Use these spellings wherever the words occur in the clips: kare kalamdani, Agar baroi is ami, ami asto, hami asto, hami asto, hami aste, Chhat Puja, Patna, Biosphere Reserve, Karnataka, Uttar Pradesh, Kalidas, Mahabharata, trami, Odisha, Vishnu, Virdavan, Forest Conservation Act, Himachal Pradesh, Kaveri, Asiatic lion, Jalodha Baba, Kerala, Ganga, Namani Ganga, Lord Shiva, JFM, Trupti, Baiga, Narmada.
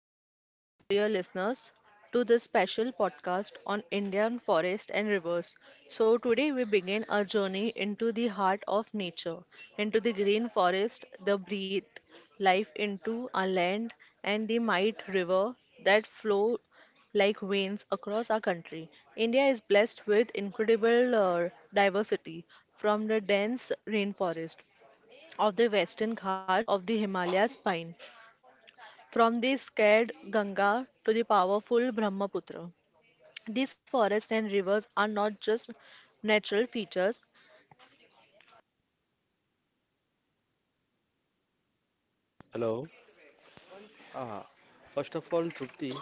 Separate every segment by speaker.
Speaker 1: and welcome, dear listeners, to this special podcast on Indian forest and rivers. So, today we begin our journey into the heart of nature, into the green forest, the breathe life into our land, and the might river that flow like veins across our country. India is blessed with incredible diversity from the dense rainforest of the Western Ghats of the Himalayas pine from the scared Ganga to the powerful Brahmaputra, these forests and rivers are not just natural features,
Speaker 2: Hello. Uh, first of all, Trupti,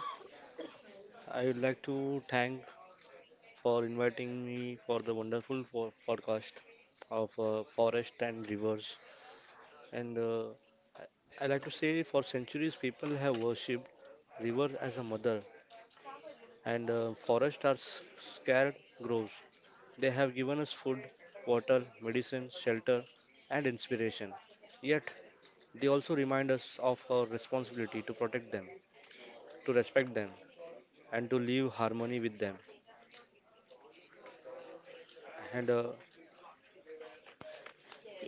Speaker 2: I would like to thank for inviting me for the wonderful podcast of forest and rivers. And I I like to say, for centuries, people have worshipped river as a mother, and forest are scared groves. They have given us food, water, medicine, shelter, and inspiration. Yet they also remind us of our responsibility to protect them, to respect them, and to live harmony with them. And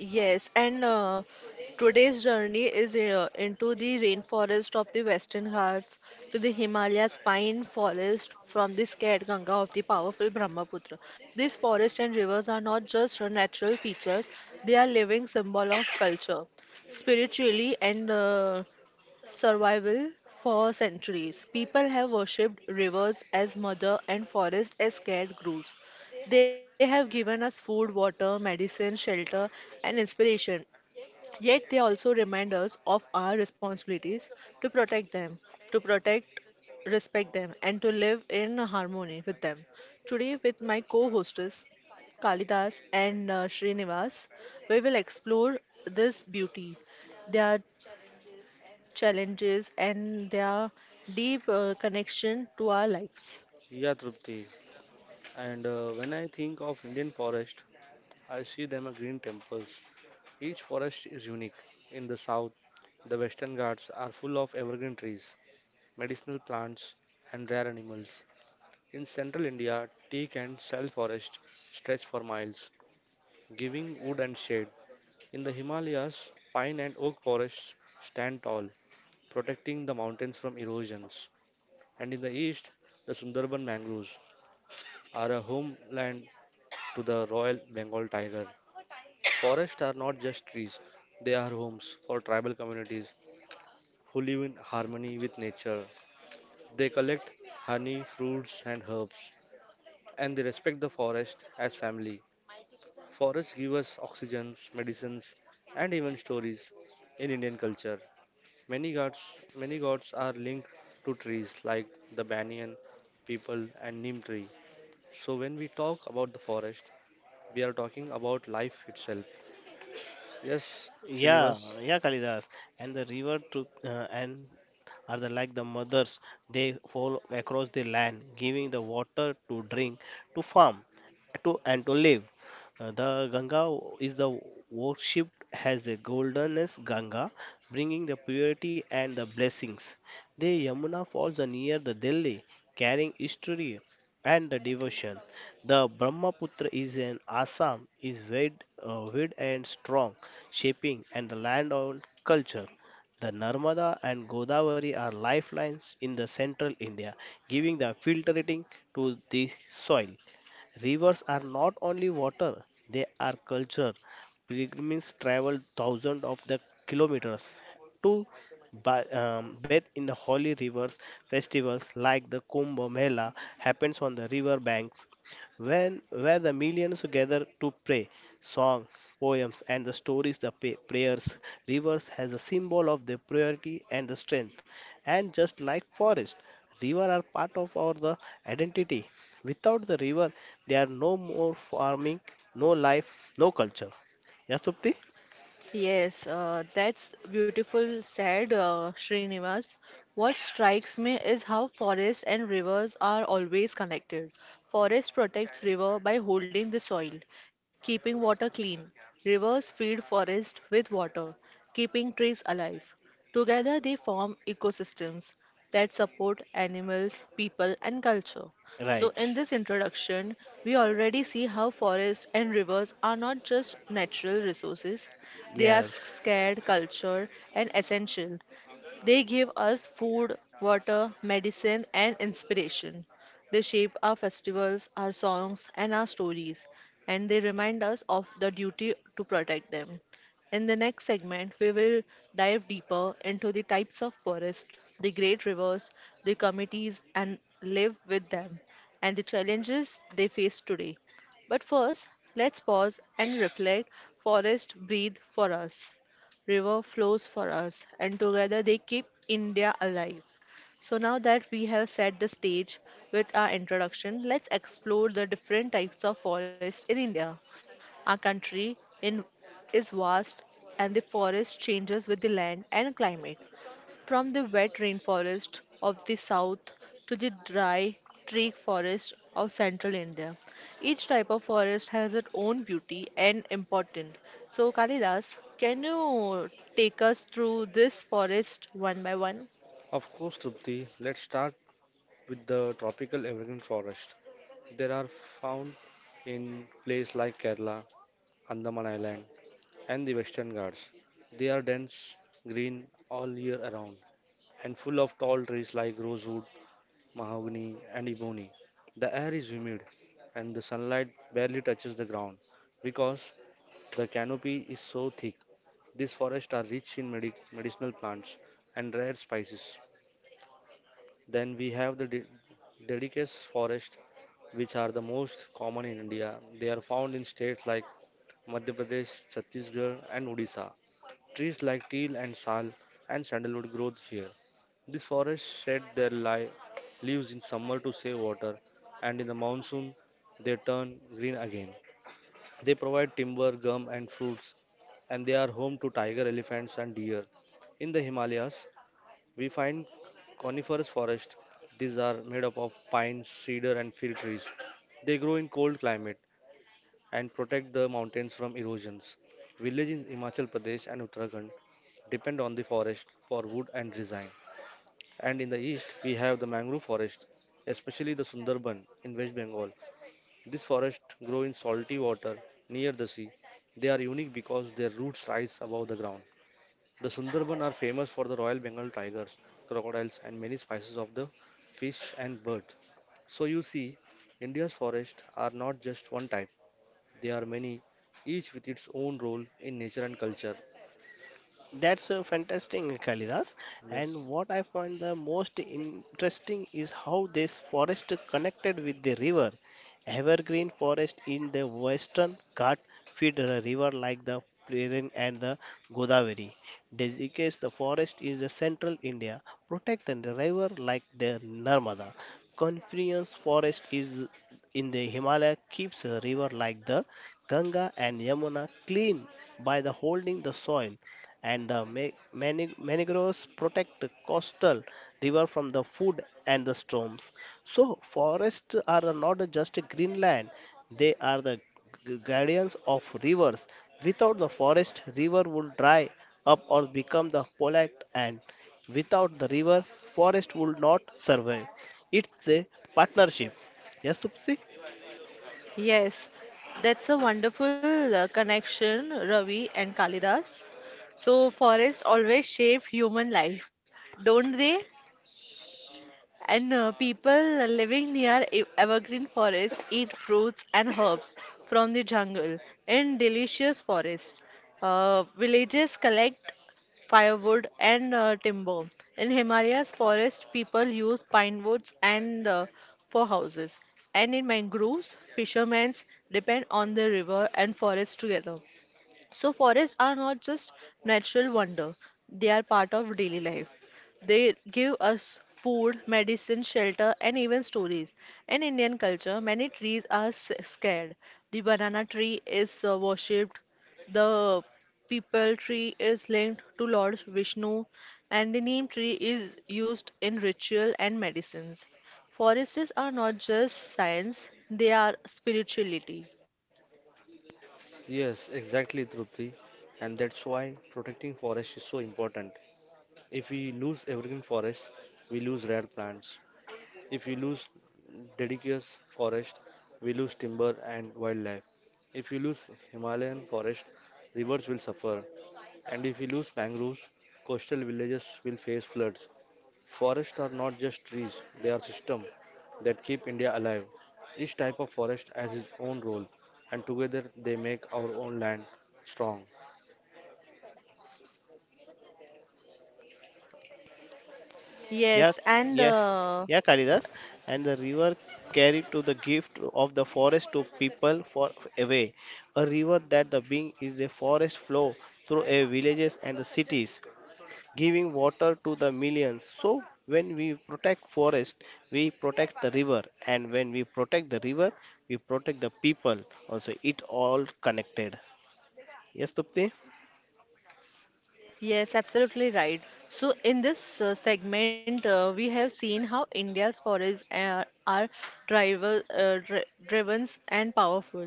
Speaker 1: yes, and today's journey is into the rainforest of the Western Ghats to the Himalayas pine forest from the scared Ganga of the powerful Brahmaputra. These forests and rivers are not just natural features, they are living symbol of culture, spiritually and survival for centuries. People have worshipped rivers as mother and forest as scared groves. They have given us food, water, medicine, shelter, and inspiration. Yet they also remind us of our responsibilities to protect them, to protect, respect them, and to live in harmony with them. Today, with my co hostess Kalidas and Srinivas, we will explore this beauty, their challenges, and their deep connection to our lives.
Speaker 2: Yeah, Trupti. And when I think of Indian forest, I see them as green temples. Each forest is unique. In the south, the Western Ghats are full of evergreen trees, medicinal plants, and rare animals. In central India, teak and sal forest stretch for miles, giving wood and shade. In the Himalayas, pine and oak forests stand tall, protecting the mountains from erosions. And in the east, the Sundarban mangroves are a homeland to the Royal Bengal Tiger. Forests are not just trees, they are homes for tribal communities who live in harmony with nature. They collect honey, fruits, and herbs, and they respect the forest as family. Forests give us oxygen, medicines, and even stories in Indian culture. Many gods, many gods are linked to trees like the banyan, people, and neem tree. So when we talk about the forest, we are talking about life itself. Yes,
Speaker 3: Yeah,
Speaker 2: Srinivas.
Speaker 3: yeah, Kalidas. And the river to, and are the like the mothers. They fall across the land, giving the water to drink, to farm, to and to live. The Ganga is the worshipped as the goldenest Ganga, bringing the purity and the blessings. The Yamuna falls near the Delhi, carrying history and the devotion. The Brahmaputra is in Assam is wide, wide and strong, shaping and the land on culture. The Narmada and Godavari are lifelines in the central India, giving the filtering to the soil. Rivers are not only water, they are culture. Pilgrims travel thousands of the kilometers to bathe in the holy rivers. Festivals like the Kumbh Mela happens on the river banks when where the millions gather to pray song poems and the stories the prayers rivers as a symbol of the purity and the strength and just like forest river are part of our the identity without the river there are no more farming no life no culture yes Supti?
Speaker 1: Yes, that's beautiful said, Srinivas. What strikes me is how forests and rivers are always connected. Forest protects river by holding the soil, keeping water clean. Rivers feed forest with water, keeping trees alive. Together they form ecosystems that support animals, people, and culture. So,
Speaker 3: Right.
Speaker 1: in this introduction, we already see how forests and rivers are not just natural resources, they are
Speaker 3: Yes,
Speaker 1: scared, cultured, and essential. They give us food, water, medicine, and inspiration. They shape our festivals, our songs, and our stories, and they remind us of the duty to protect them. In the next segment, we will dive deeper into the types of forest, the great rivers, the communities, and live with them, and the challenges they face today. But first, let's pause and reflect. Forest breathe for us river flows for us, and together they keep India alive. So, now that we have set the stage with our introduction, let's explore the different types of forest in India. Our country in, is vast, and the forest changes with the land and climate. From the wet rainforest of the south to the dry tree forest of central India, each type of forest has its own beauty and importance. So, Kalidas, can you take us through this forest one by one?
Speaker 2: Of course, Trupti. Let's start with the tropical evergreen forest. They are found in places like Kerala, Andaman Island, and the Western Ghats. They are dense, green all year around, and full of tall trees like rosewood, mahogany, and ebony. The air is humid, and the sunlight barely touches the ground because the canopy is so thick. These forests are rich in medicinal plants and rare spices. Then we have the deciduous forest, which are the most common in India. They are found in states like Madhya Pradesh, Chhattisgarh, and Odisha. Trees like teal and sal and sandalwood grow here. These forests shed their leaves in summer to save water, and in the monsoon they turn green again. They provide timber, gum, and fruits, and they are home to tiger, elephants, and deer. In the Himalayas, we find coniferous forest. These are made up of pine, cedar, and fir trees. They grow in cold climate and protect the mountains from erosions. Villages in Himachal Pradesh and Uttarakhand depend on the forest for wood and design. And in the east, we have the mangrove forest, especially the Sundarban in West Bengal. These forests grow in salty water near the sea. They are unique because their roots rise above the ground. The Sundarban are famous for the Royal Bengal tigers, crocodiles, and many species of the fish and bird. So you see, India's forests are not just one type; they are many, each with its own role in nature and culture.
Speaker 3: that's fantastic, Kalidas.
Speaker 2: Yes,
Speaker 3: And what I find the most interesting is how this forest connected with the river. Evergreen forest in the western Ghat feed a river like the Prairan and the Godavari. Dedicates the forest is the central India, protect the river like the Narmada. Confluence forest is in the Himalaya keeps a river like the Ganga and Yamuna clean by the holding the soil and the mangroves protect the coastal river from the food and the storms. So, forests are not just a green land, they are the guardians of rivers. Without the forest, river would dry up or become the polite and without the river, forest would not survive. It's a partnership. Yes, Tupsi?
Speaker 1: Yes, that's a wonderful connection, Ravi and Kalidas. So, forests always shape human life, don't they? And people living near evergreen forests eat fruits and herbs from the jungle in delicious forest. Villages collect firewood and timber. In Himalayas forest, people use pine woods and for houses. And in mangroves, fishermen depend on the river and forest together. So forests are not just natural wonder, they are part of daily life. They give us food, medicine, shelter and even stories. In Indian culture, many trees are scared. The banana tree is worshipped, the peepal tree is linked to Lord Vishnu, and the neem tree is used in ritual and medicines. Forests are not just science, they are spirituality.
Speaker 2: yes, exactly, Trupti, and that's why protecting forests is so important. If we lose evergreen forests, we lose rare plants. If we lose deciduous forest, we lose timber and wildlife. If we lose Himalayan forest, rivers will suffer. And if we lose mangroves, coastal villages will face floods. Forests are not just trees, they are systems that keep India alive. Each type of forest has its own role, and together they make our own land strong.
Speaker 3: Yeah,
Speaker 1: Yes, and
Speaker 3: yeah, yeah, Kalidas. And the river carried to the gift of the forest to people for away. A river that the being is a forest flow through a villages and the cities, giving water to the millions. So when we protect forest, we protect the river, and when we protect the river, we protect the people. Also, it all connected. Yes, Tupti.
Speaker 1: yes, absolutely right. So, in this segment, we have seen how India's forests are driver, driven and powerful.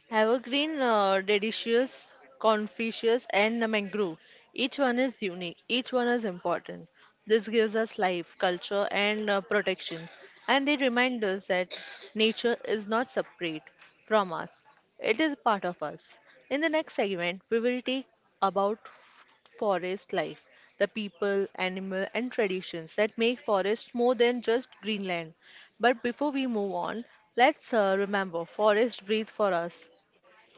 Speaker 1: Evergreen, deciduous, coniferous, and mangrove. Each one is unique, each one is important. This gives us life, culture, and protection. And they remind us that nature is not separate from us, it is part of us. In the next segment, we will take about forest life, the people, animal, and traditions that make forests more than just green land. But before we move on, let's remember forests breathe for us,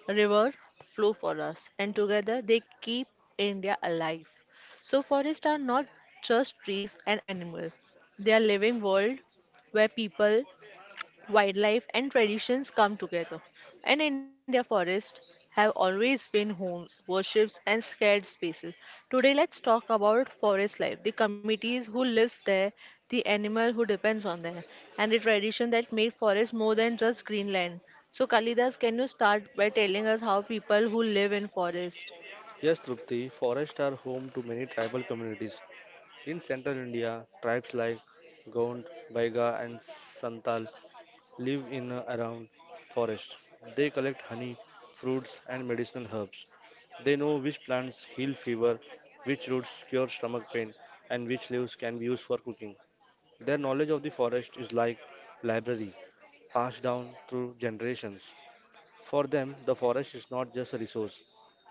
Speaker 1: river flow for us, and together they keep India alive. So forests are not just trees and animals; they are living world where people wildlife and traditions come together. In India, forests have always been homes, worships, and scared spaces. Today, let's talk about forest life, the communities who lives there, the animal who depends on them, and the tradition that make forest more than just green land. So, Kalidas, can you start by telling us how people who live in forest?
Speaker 2: Yes, Trupti, forests are home to many tribal communities. In central India, tribes like Gond, Baiga, and Santal live in around forest. They collect honey, fruits, and medicinal herbs. They know which plants heal fever, which roots cure stomach pain, and which leaves can be used for cooking. Their knowledge of the forest is like library passed down through generations. For them, the forest is not just a resource;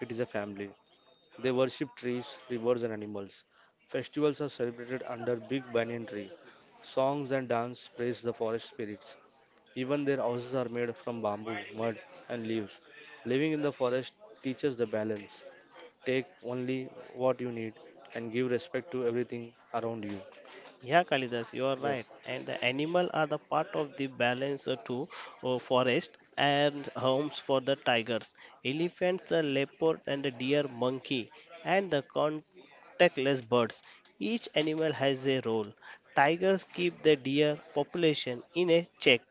Speaker 2: it is a family. They worship trees, rivers, and animals. Festivals are celebrated under big banyan tree. Songs and dance praise the forest spirits. Even their houses are made from bamboo, mud, and leaves. Living in the forest teaches the balance. Take only what you need and give respect to everything around you.
Speaker 3: Yeah, Kalidas, you are right.
Speaker 2: Yes.
Speaker 3: And the animal are the part of the balance to forest and homes for the tigers. Elephants, the leopard and the deer, monkey, and the contactless birds. Each animal has a role. Tigers keep the deer population in a check.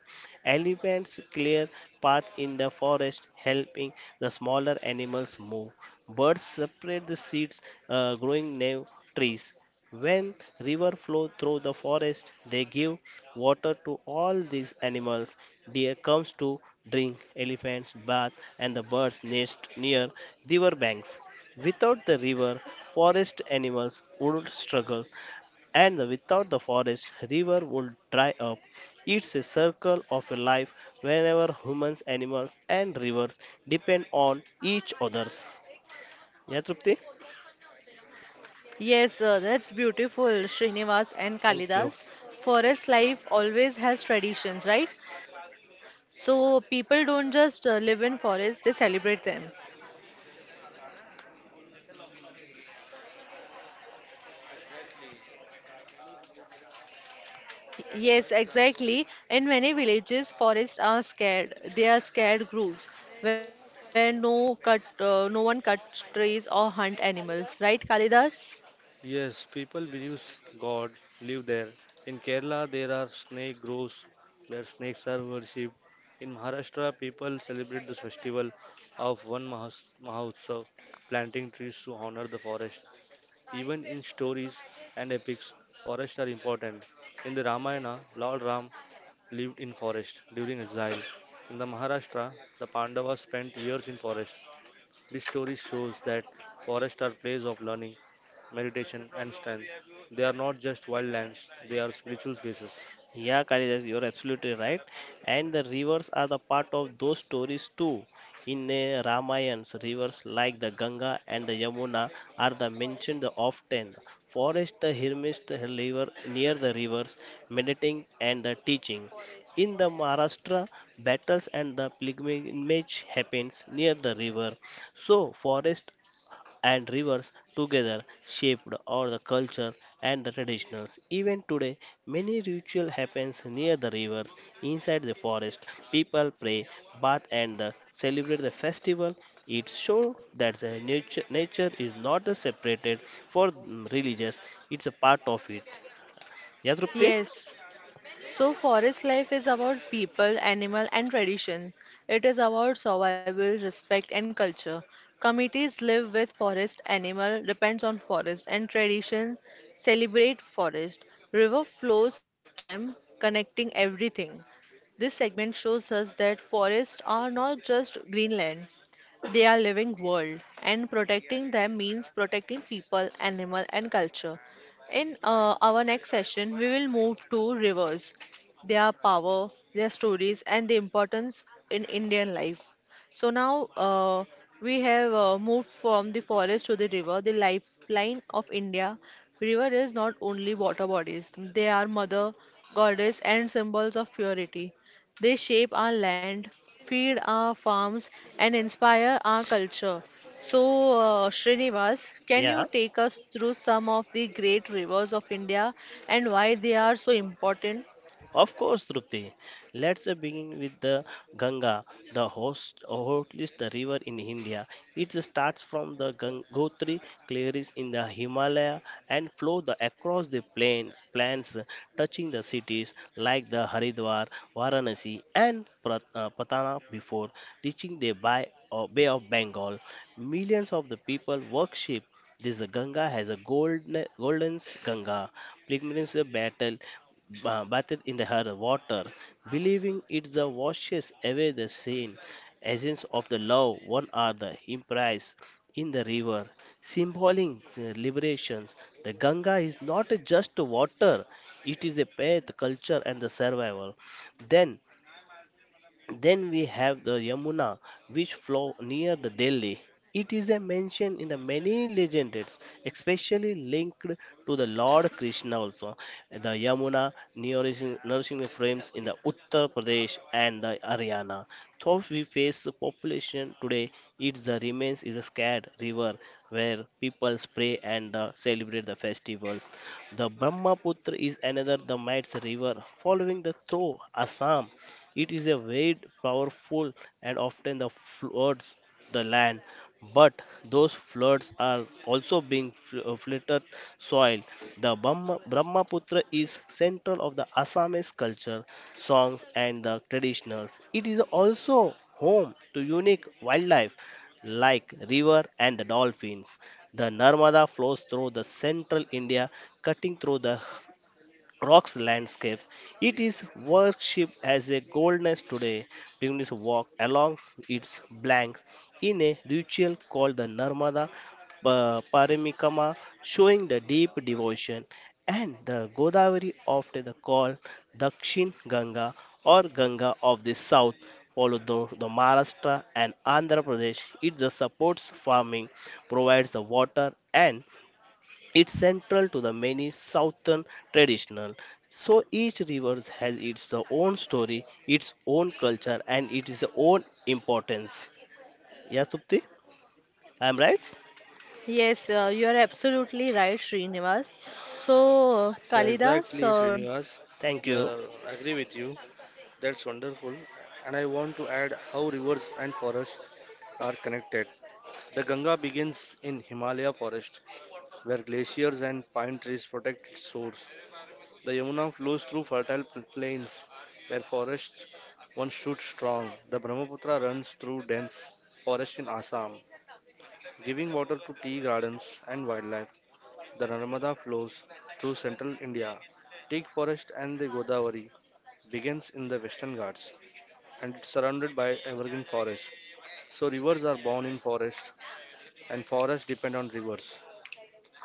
Speaker 3: Elephants clear path in the forest, helping the smaller animals move. Birds separate the seeds, growing new trees. When river flow through the forest, they give water to all these animals. Deer comes to drink, elephants bath, and the birds nest near river banks. Without the river, forest animals would struggle, and without the forest, river would dry up. It's a circle of a life whenever humans, animals, and rivers depend on each others. Yeah, Trupti?
Speaker 1: Yes, that's beautiful, Srinivas and
Speaker 3: Thank you.
Speaker 1: Kalidas. Forest life always has traditions, right? So people don't just live in forests, they celebrate them. Yes, exactly. In many villages, forests are scared. They are scared groves where no cut, no one cuts trees or hunt animals. Right, Kalidas?
Speaker 2: Yes, people believe God live there. In Kerala, there are snake groves where snakes are worshipped. In Maharashtra, people celebrate the festival of one Mahotsav, planting trees to honor the forest. Even in stories and epics, forests are important. In the Ramayana, Lord Ram lived in forest during exile. In the Maharashtra, the Pandavas spent years in forest. This story shows that forests are places of learning, meditation, and strength. They are not just wild lands; they are spiritual spaces.
Speaker 3: Yeah, Kalidas, you're absolutely right. And the rivers are the part of those stories too. In the Ramayans, rivers like the Ganga and the Yamuna are the mentioned often. Forest the Hermist river near the rivers, meditating and the teaching. In the Maharashtra, battles and the pilgrimage happens near the river. So forest and rivers together shaped all the culture and the traditions. Even today, many ritual happens near the rivers, inside the forest. People pray, bath, and celebrate the festival. It shows that nature is not separated for religious; it's a part of it. Yeah, Trupti?
Speaker 1: Yes. So, forest life is about people, animal, and tradition. It is about survival, respect, and culture. Communities live with forest, animal depends on forest, and tradition celebrate forest. River flows through them, connecting everything. This segment shows us that forests are not just green land; they are living world, and protecting them means protecting people, animal, and culture. In our next session, we will move to rivers their power, their stories, and the importance in Indian life. So now we have moved from the forest to the river, the lifeline of India. River is not only water bodies; they are mother, goddess, and symbols of purity. They shape our land, feed our farms, and inspire our culture. So, Srinivas, can
Speaker 3: Yeah.
Speaker 1: you take us through some of the great rivers of India and why they are so important?
Speaker 3: Of course, Trupti. Let's begin with the Ganga, the host, or at least the river in India. It starts from the Gangotri clearings in the Himalaya and flows the, across the plains, touching the cities like the Haridwar, Varanasi, and Patna before reaching the Bay of Bengal. Millions of the people worship this Ganga has a golden Ganga, pilgrims a battle bathed in the her water, believing it the washes away the sin, essence of the love one another imprisoned in the river, symboling the liberations. The Ganga is not just water; it is a path, culture, and the survival. Then then we have the Yamuna, which flow near the Delhi. It is a mention in the many legends, especially linked to the Lord Krishna also. The Yamuna nourishing frames in the Uttar Pradesh and the Haryana. Though we face the population today, it the remains is a scared river where people pray and celebrate the festivals. The Brahmaputra is another the Mats river following the through Assam it is a very powerful and often the floods the land, but those floods are also being flooded soil. The Brahmaputra is central of the Assamese culture, songs and the traditionals. It is also home to unique wildlife like river and the dolphins. The Narmada flows through the central India, cutting through the rocks landscapes. It is worshipped as a goddess today. Pilgrims walk along its banks in a ritual called the Narmada Paramikama, showing the deep devotion, and the Godavari, often called Dakshin Ganga or Ganga of the South, followed the Maharashtra and Andhra Pradesh. It the supports farming, provides the water and it's central to the many southern traditional. So each river has its own story, its own culture, and its own importance. Yeah, Supti, I'm right.
Speaker 1: Yes, you are absolutely right, Srinivas. So,
Speaker 2: So
Speaker 1: Kalidas,
Speaker 2: exactly, Srinivas,
Speaker 3: Thank
Speaker 2: you
Speaker 3: you.
Speaker 2: are, I agree with you. That's wonderful. And I want to add how rivers and forests are connected. The Ganga begins in Himalaya forest, where glaciers and pine trees protect its source. The Yamuna flows through fertile plains, where forests once stood strong. The Brahmaputra runs through dense forest in Assam, giving water to tea gardens and wildlife. The Narmada flows through central India. Teak forest and the Godavari begins in the Western Ghats, and it's surrounded by evergreen forest. So rivers are born in forest, and forests depend on rivers.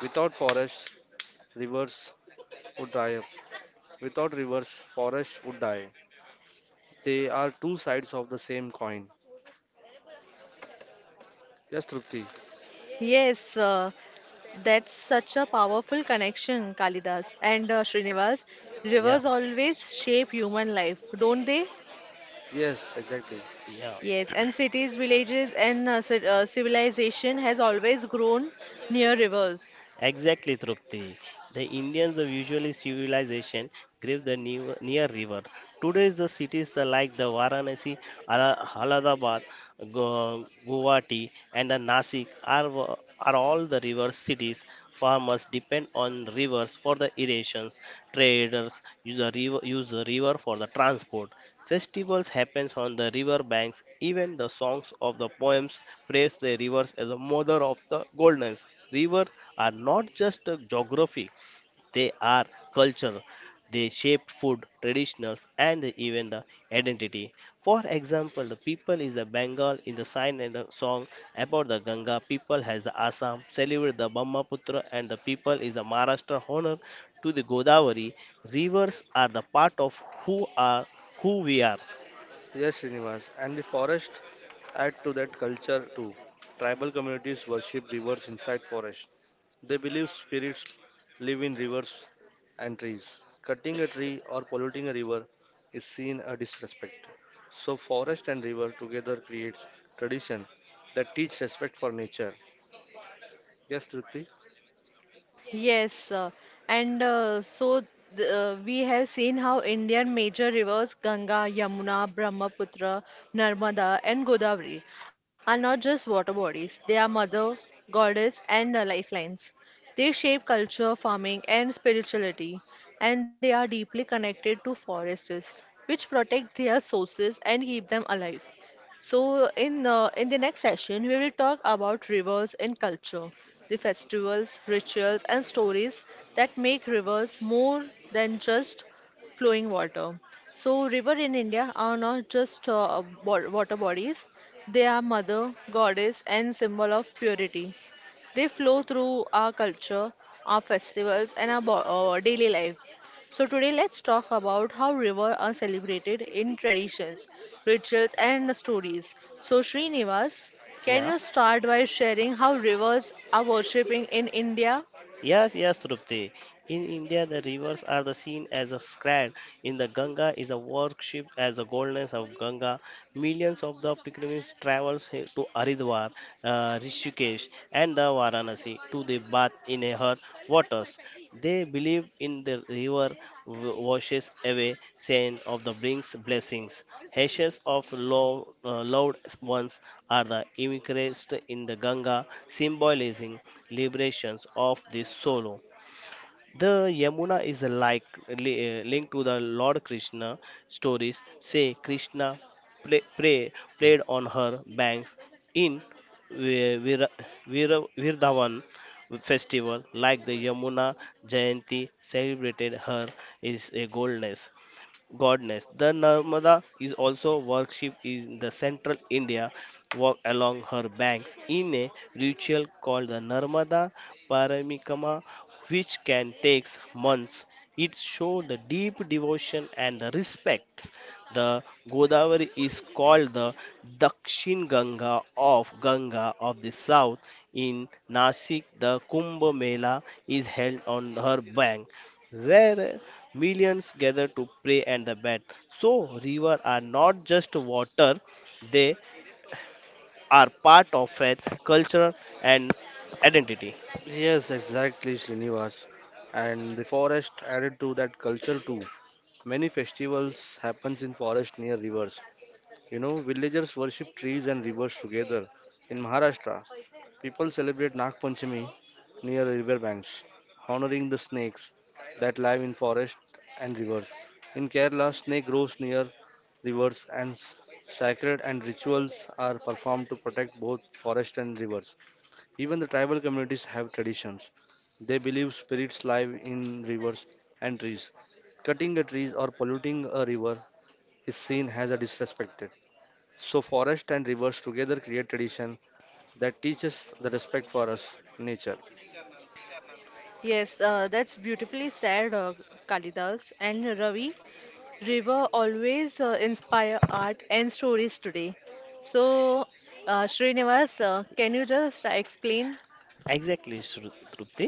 Speaker 2: Without forests, rivers would dry up. Without rivers, forests would die. They are two sides of the same coin. Yes, Trupti.
Speaker 1: yes, that's such a powerful connection, Kalidas and Srinivas.
Speaker 3: Yeah,
Speaker 1: Rivers always shape human life, don't they?
Speaker 2: Yes, exactly.
Speaker 3: yeah.
Speaker 1: Yes, and cities, villages, and civilization has always grown near rivers.
Speaker 3: Exactly, Trupti. The Indians the usually civilization grave the new, near river. Today's the cities the like the Varanasi, Allahabad, Guwahati and the Nasik are, are all the river cities. Farmers depend on rivers for the irrigations. Traders use the river for the transport. Festivals happens on the river banks. Even the songs of the poems praise the rivers as the mother of the goddess. Rivers are not just a geography; they are culture. They shape food, traditions, and even the identity. For example, the people is the Bengal in the sign and the song about the Ganga. People has the Assam celebrate the Brahmaputra, and the people is the Maharashtra honor to the Godavari. Rivers are the part of who we are.
Speaker 2: Yes, Srinivas. And the forest add to that culture too. Tribal communities worship rivers inside forest. They believe spirits live in rivers and trees. Cutting a tree or polluting a river is seen as disrespect. So forest and river together creates tradition that teach respect for nature. Yes, Tripti.
Speaker 1: Yes, and so th we have seen how Indian major rivers Ganga, Yamuna, Brahmaputra, Narmada, and Godavari are not just water bodies, they are mother, goddess, and lifelines. They shape culture, farming, and spirituality, and they are deeply connected to foresters, which protect their sources and keep them alive. So, in the next session, we will talk about rivers in culture, the festivals, rituals, and stories that make rivers more than just flowing water. So, river in India are not just water bodies; they are mother, goddess, and symbol of purity. They flow through our culture, our festivals, and our daily life. So today let's talk about how rivers are celebrated in traditions, rituals and stories. So Srinivas, can
Speaker 3: Yeah.
Speaker 1: you start by sharing how rivers are worshipping in India?
Speaker 3: Yes, Trupti. In India, the rivers are the seen as a sacred. In the Ganga is a worshipped as the goddess of Ganga. Millions of the pilgrims travels to Haridwar, Rishikesh, and the Varanasi to the bath in her waters. They believe in the river washes away sin of the brings blessings. Ashes of loved ones are the immersed in the Ganga, symbolizing liberations of the soul. The Yamuna is like linked to the Lord Krishna stories. Say Krishna played on her banks in Vi- Vira, Virdavan festival, like the Yamuna Jayanti celebrated her is a goldness goddess. The Narmada is also worshipped in the central India, walk along her banks in a ritual called the Narmada Paramikama, which can take months. It shows the deep devotion and the respect. The Godavari is called the Dakshin Ganga of the South. In Nasik, the Kumbh Mela is held on her bank where millions gather to pray and the bathe. So, rivers are not just water, they are part of faith, culture, and identity.
Speaker 2: Yes, exactly, Srinivas. And the forest added to that culture too. Many festivals happens in forest near rivers. You know, villagers worship trees and rivers together. In Maharashtra, people celebrate Nag Panchami near river banks, honoring the snakes that live in forest and rivers. In Kerala, snake grows near rivers and sacred and rituals are performed to protect both forest and rivers. Even the tribal communities have traditions. They believe spirits live in rivers and trees. Cutting a tree or polluting a river is seen as a disrespected. So forest and rivers together create tradition that teaches the respect for us, nature.
Speaker 1: Yes, that's beautifully said, Kalidas and Ravi. River always inspire art and stories today. So, Srinivas, can you just explain
Speaker 3: Exactly, Trupti.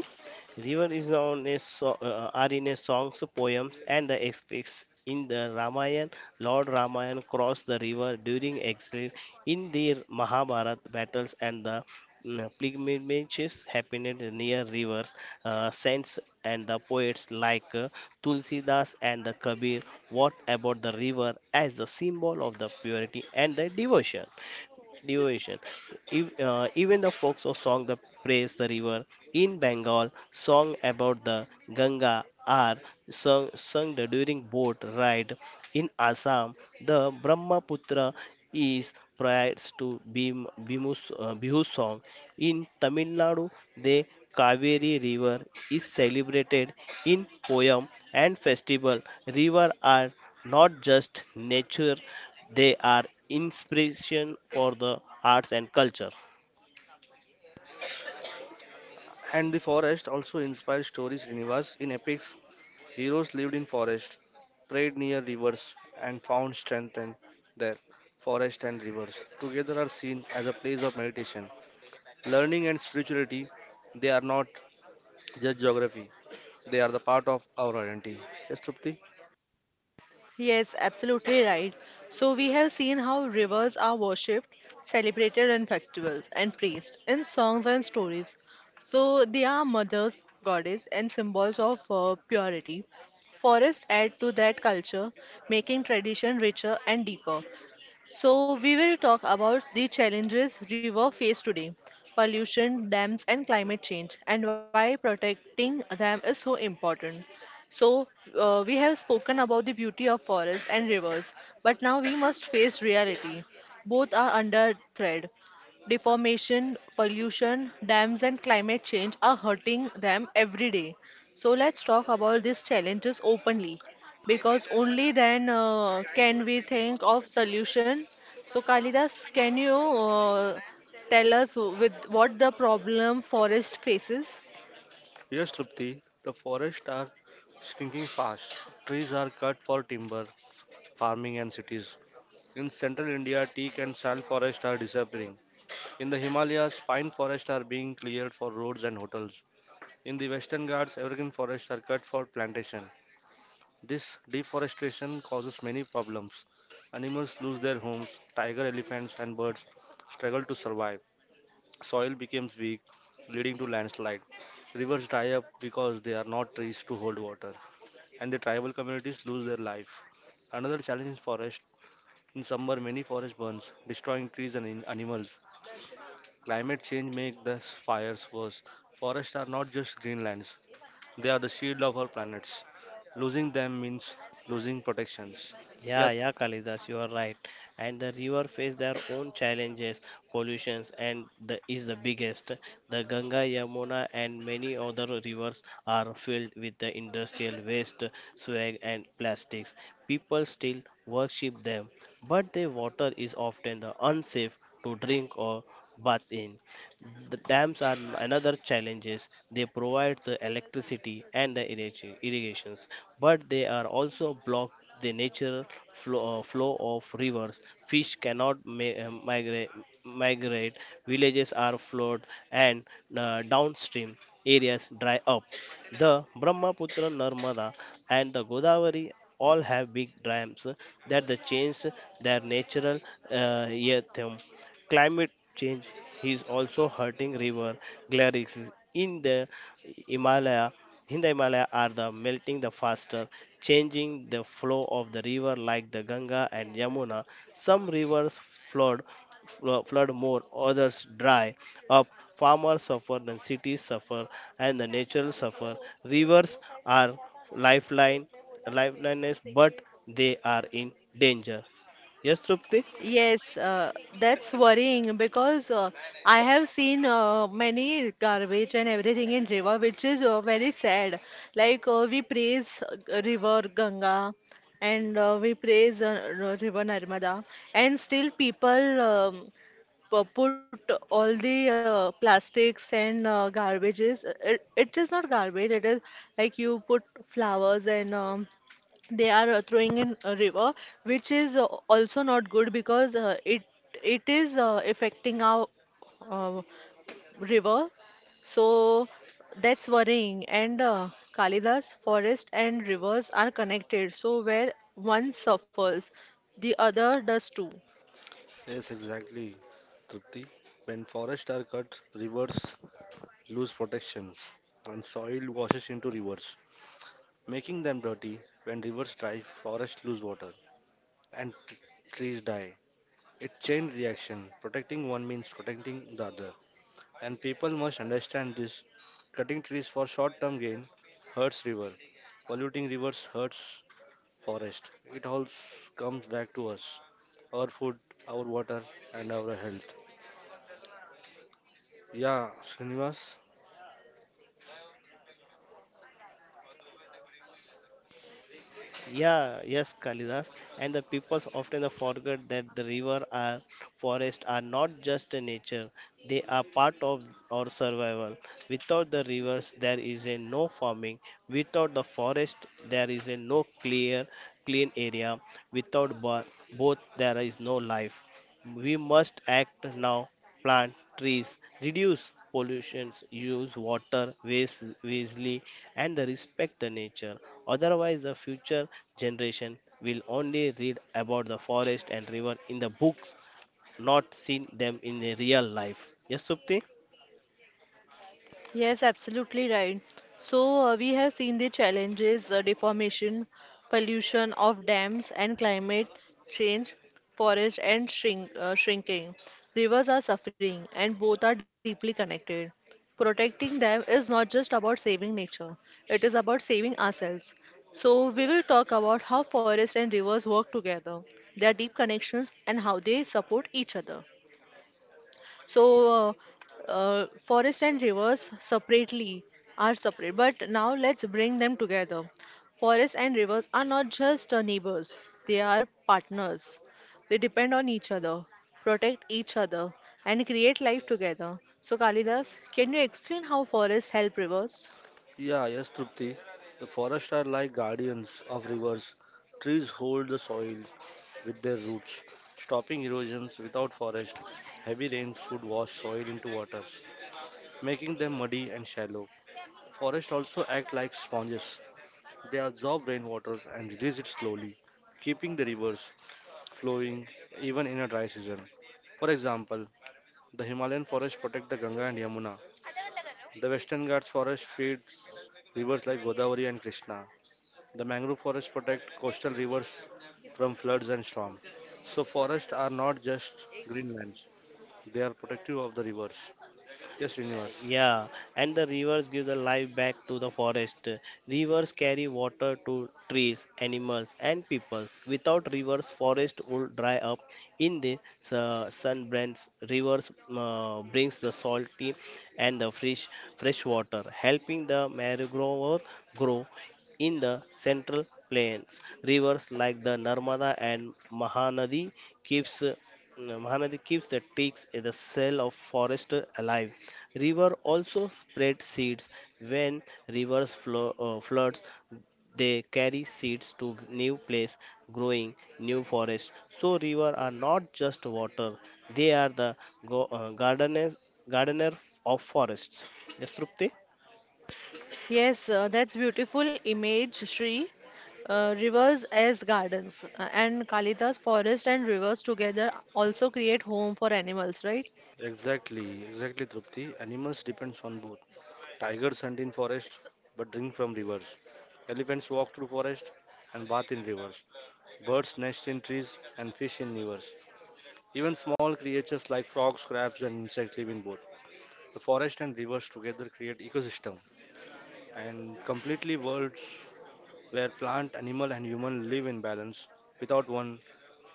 Speaker 3: River is on a so, are in a songs, poems, and the epics. In the Ramayana, Lord Ramayana crossed the river during exile. In the Mahabharata battles and the pilgrimages happened near rivers. Saints and the poets like Tulsidas and the Kabir wrote about the river as the symbol of the purity and the devotion. Even the folks of song that praise the river in Bengal, song about the Ganga are sung during boat ride. In Assam, the Brahmaputra is praised to Bihu song. In Tamil Nadu, the Kaveri River is celebrated in poem and festival. River are not just nature they are inspiration for the arts and culture.
Speaker 2: And the forest also inspires stories Srinivas. In epics, heroes lived in forest, prayed near rivers, and found strength in there. Forest and rivers together are seen as a place of meditation, learning and spirituality. They are not just geography. They are the part of our identity. Yes, Trupti?
Speaker 1: yes, absolutely right. So we have seen how rivers are worshipped, celebrated in festivals, and praised in songs and stories. So they are mothers, goddess, and symbols of purity. Forests add to that culture, making tradition richer and deeper. So, we will talk about the challenges rivers face today pollution, dams, and climate change, and why protecting them is so important. So, we have spoken about the beauty of forests and rivers, but now we must face reality. Both are under threat. Deformation, pollution, dams, and climate change are hurting them every day. So let's talk about these challenges openly because only then can we think of solution. So Kalidas, can you tell us with what the problem forest faces?
Speaker 2: Yes, Trupti, the forests are shrinking fast. Trees are cut for timber, farming, and cities. In central India, teak and sal forests are disappearing. In the Himalayas, pine forests are being cleared for roads and hotels. In the Western Ghats, evergreen forests are cut for plantation. This deforestation causes many problems. Animals lose their homes, tiger, elephants, and birds struggle to survive. Soil becomes weak, leading to landslide. Rivers dry up because they are not trees to hold water, and the tribal communities lose their life. Another challenge is forest. In summer, many forest burns, destroying trees and animals. Climate change makes the fires worse. Forests are not just green lands; they are the shield of our planets. Losing them means losing protections.
Speaker 3: Yeah,
Speaker 2: Yeah.
Speaker 3: yeah, Kalidas, you are right. And the river face their own challenges, pollutions, and the, is the biggest. The Ganga, Yamuna, and many other rivers are filled with the industrial waste, swag, and plastics. People still worship them, but their water is often the unsafe to drink or bath in. The dams are another challenges. They provide the electricity and the irrigations, but they are also block the natural flow of rivers. Fish cannot migrate. Villages are flooded and downstream areas dry up. The Brahmaputra, Narmada, and the Godavari all have big dams that they change their natural rhythm. Climate change is also hurting river glaciers in Himalaya the Himalaya are the melting the faster, changing the flow of the river like the Ganga and Yamuna. Some rivers flood more, others dry up. Farmers suffer, then cities suffer, and the nature suffer. Rivers are lifeline, lifelines, but they are in danger. Yes, Trupti?
Speaker 1: Yes, that's worrying because I have seen many garbage and everything in river, which is very sad. Like we praise river Ganga and we praise river Narmada, and still people put all the plastics and garbages. It is not garbage. It is like you put flowers and they are throwing in a river, which is also not good because it is affecting our uh, river. So that's worrying. And Kalidas, forest and rivers are connected. So where one suffers, the other does too.
Speaker 2: Yes, exactly, Tripti. When forests are cut, rivers lose protections, and soil washes into rivers, making them dirty. When rivers dry, forests lose water, and trees die. It's chain reaction. Protecting one means protecting the other, and people must understand this. Cutting trees for short-term gain hurts river. Polluting rivers hurts forest. It all comes back to us, our food, our water, and our health. Yeah, Srinivas.
Speaker 3: Yeah, yes, Kalidas. And the peoples often the forget that the river and forest are not just a nature, they are part of our survival. Without the rivers, there is a no farming. Without the forest, there is a no clean area. Without both, there is no life. We must act now, plant trees, reduce pollutions, use water waste wisely, and respect the nature. Otherwise, the future generation will only read about the forest and river in the books, not seen them in the real life. Yes, Supti?
Speaker 1: Yes, absolutely right. So, we have seen the challenges, deformation, pollution of dams, and climate change, forest and shrink, shrinking. Rivers are suffering, and both are deeply connected. Protecting them is not just about saving nature, it is about saving ourselves. So, we will talk about how forests and rivers work together, their deep connections, and how they support each other. So, forest and rivers separately are separate, but now let's bring them together. Forests and rivers are not just neighbors, they are partners. They depend on each other, protect each other, and create life together. So, Kalidas, can you explain how forests help rivers?
Speaker 2: Yeah, yes, Trupti. The forests are like guardians of rivers. Trees hold the soil with their roots, stopping erosions. Without forest, heavy rains would wash soil into waters, making them muddy and shallow. Forests also act like sponges. They absorb rainwater and release it slowly, keeping the rivers flowing even in a dry season. For example, the Himalayan forests protect the Ganga and Yamuna. The Western Ghats forest feeds rivers like Godavari and Krishna. The mangrove forests protect coastal rivers from floods and storm. So forests are not just green lands; they are protective of the rivers. Yes, Srinivas.
Speaker 3: Yeah, and the rivers give the life back to the forest. Rivers carry water to trees, animals, and peoples. Without rivers, forest would dry up. In the sun brands, rivers brings the salty and the fresh water, helping the mangrove grow in the central plains. Rivers like the Narmada and Mahanadi keeps uh, keeps the ticks in the cell of forest alive. River also spread seeds. When rivers floods, they carry seeds to new place, growing new forest. So river are not just water; they are the go- uh, gardeners, gardener of forests. Yes, Trupti?
Speaker 1: Yes, that's beautiful image, Shri. Rivers as gardens and Kalidas forest and rivers together also create home for animals, right?
Speaker 2: Exactly, Trupti. Animals depends on both. Tigers hunt in forest but drink from rivers. Elephants walk through forest and bath in rivers. Birds nest in trees and fish in rivers. Even small creatures like frogs, crabs, and insects live in both. The forest and rivers together create ecosystem and completely worlds where plant, animal, and human live in balance. Without one,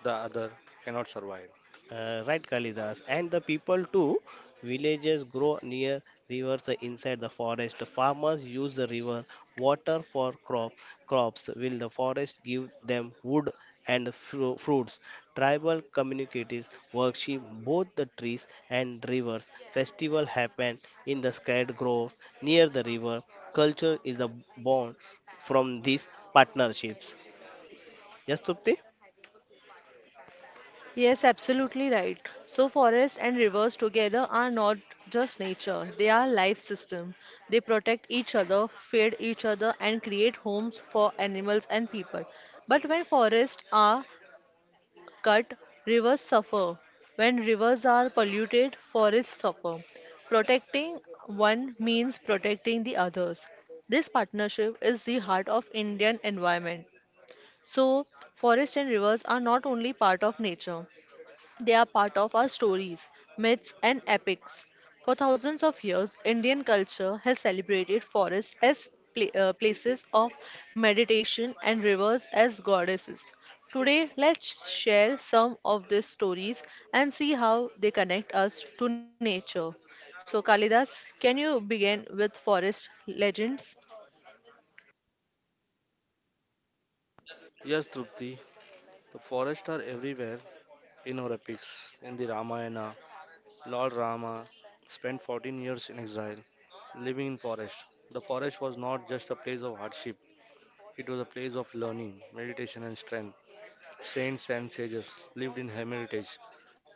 Speaker 2: the other cannot survive.
Speaker 3: Right, Kalidas. And the people too. Villages grow near rivers inside the forest. Farmers use the river water for crops. Will the forest give them wood and fruits? Tribal communities worship both the trees and rivers. Festival happen in the sacred groves near the river. Culture is the bond from these partnerships. Yes, Tupti?
Speaker 1: Yes, absolutely right. So forests and rivers together are not just nature, they are life system. They protect each other, feed each other and create homes for animals and people. But when forests are cut, rivers suffer. When rivers are polluted, forests suffer. Protecting one means protecting the others. This partnership is the heart of Indian environment. So, forests and rivers are not only part of nature, they are part of our stories, myths, and epics. For thousands of years, Indian culture has celebrated forests as places of meditation and rivers as goddesses. Today, let's share some of these stories and see how they connect us to nature. So, Kalidas, can you begin with forest legends?
Speaker 2: Yes, Trupti, the forests are everywhere in our epics. In the Ramayana, Lord Rama spent 14 years in exile, living in forest. The forest was not just a place of hardship, it was a place of learning, meditation, and strength. Saints and sages lived in hermitage,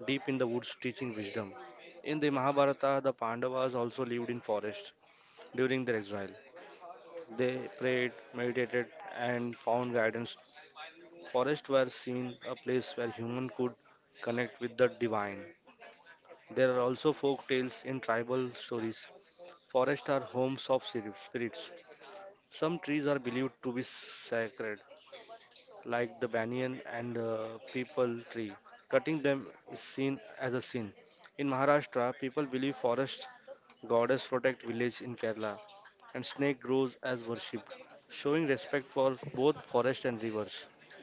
Speaker 2: deep in the woods, teaching wisdom. In the Mahabharata, the Pandavas also lived in forest during their exile. They prayed, meditated, and found guidance. Forests were seen a place where humans could connect with the divine. There are also folk tales in tribal stories. Forests are homes of spirits. Some trees are believed to be sacred, like the banyan and the people tree. Cutting them is seen as a sin. In Maharashtra, people believe forest goddess protect village in Kerala, and snake grows as worshipped, showing respect for both forest and rivers.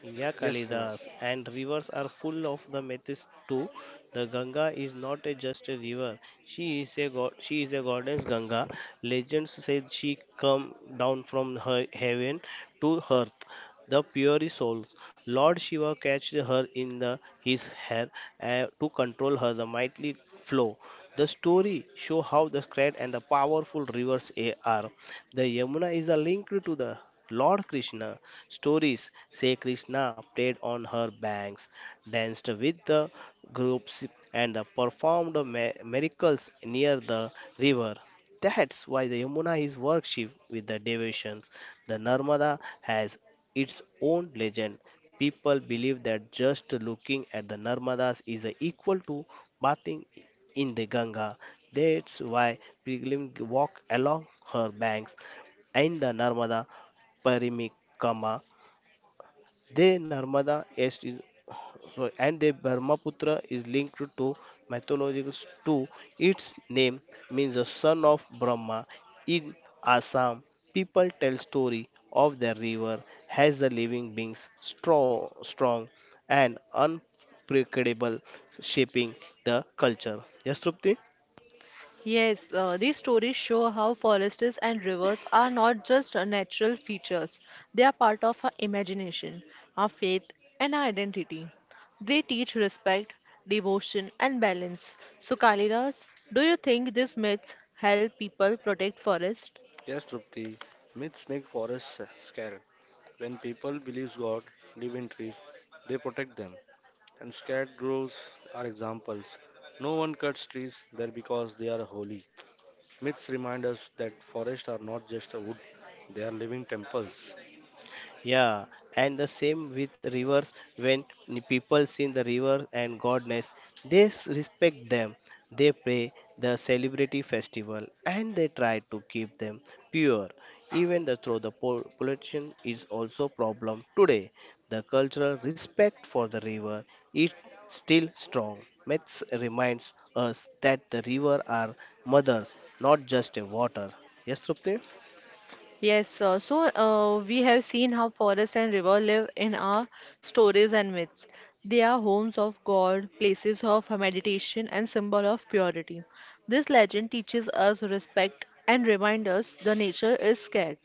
Speaker 3: Yeah,
Speaker 2: Yes, Srinivas.
Speaker 3: Kalidas, and rivers are full of the myths too. The Ganga is not just a river; she is a god. She is a goddess Ganga. Legends said she come down from her heaven to earth, the pure soul. Lord Shiva catched her in the his hair to control her the mighty flow. The story show how the great and the powerful rivers are. The Yamuna is a link to the Lord Krishna. Stories say Krishna played on her banks, danced with the groups, and performed miracles near the river. That's why the Yamuna is worshipped with the devotions. The Narmada has its own legend. People believe that just looking at the Narmadas is equal to bathing in the Ganga. That's why pilgrims walk along her banks in the Narmada Parimikama they Narmada est is so, and the Brahmaputra is linked to mythological. To its name means the son of Brahma. In Assam, people tell story of their river as the living beings strong, strong and unpredictable, shaping the culture. Yes, Trupti?
Speaker 1: Yes, these stories show how forests and rivers are not just natural features, they are part of our imagination, our faith, and our identity. They teach respect, devotion, and balance. So, Kalidas, do you think these myths help people protect forests?
Speaker 2: Yes, Trupti. Myths make forests scared. When people believe God live in trees, they protect them. And scared groves are examples. No one cuts trees there because they are holy. Myths remind us that forests are not just a wood, they are living temples.
Speaker 3: Yeah, and the same with rivers. When people see the river and goddess, they respect them. They pray the celebrity festival and they try to keep them pure. Even through the pollution is also problem today. The cultural respect for the river is still strong. Myths reminds us that the river are mothers, not just a water. Yes, Trupti?
Speaker 1: Yes, so we have seen how forest and river live in our stories and myths. They are homes of God, places of meditation, and symbol of purity. This legend teaches us respect and reminds us the nature is scared.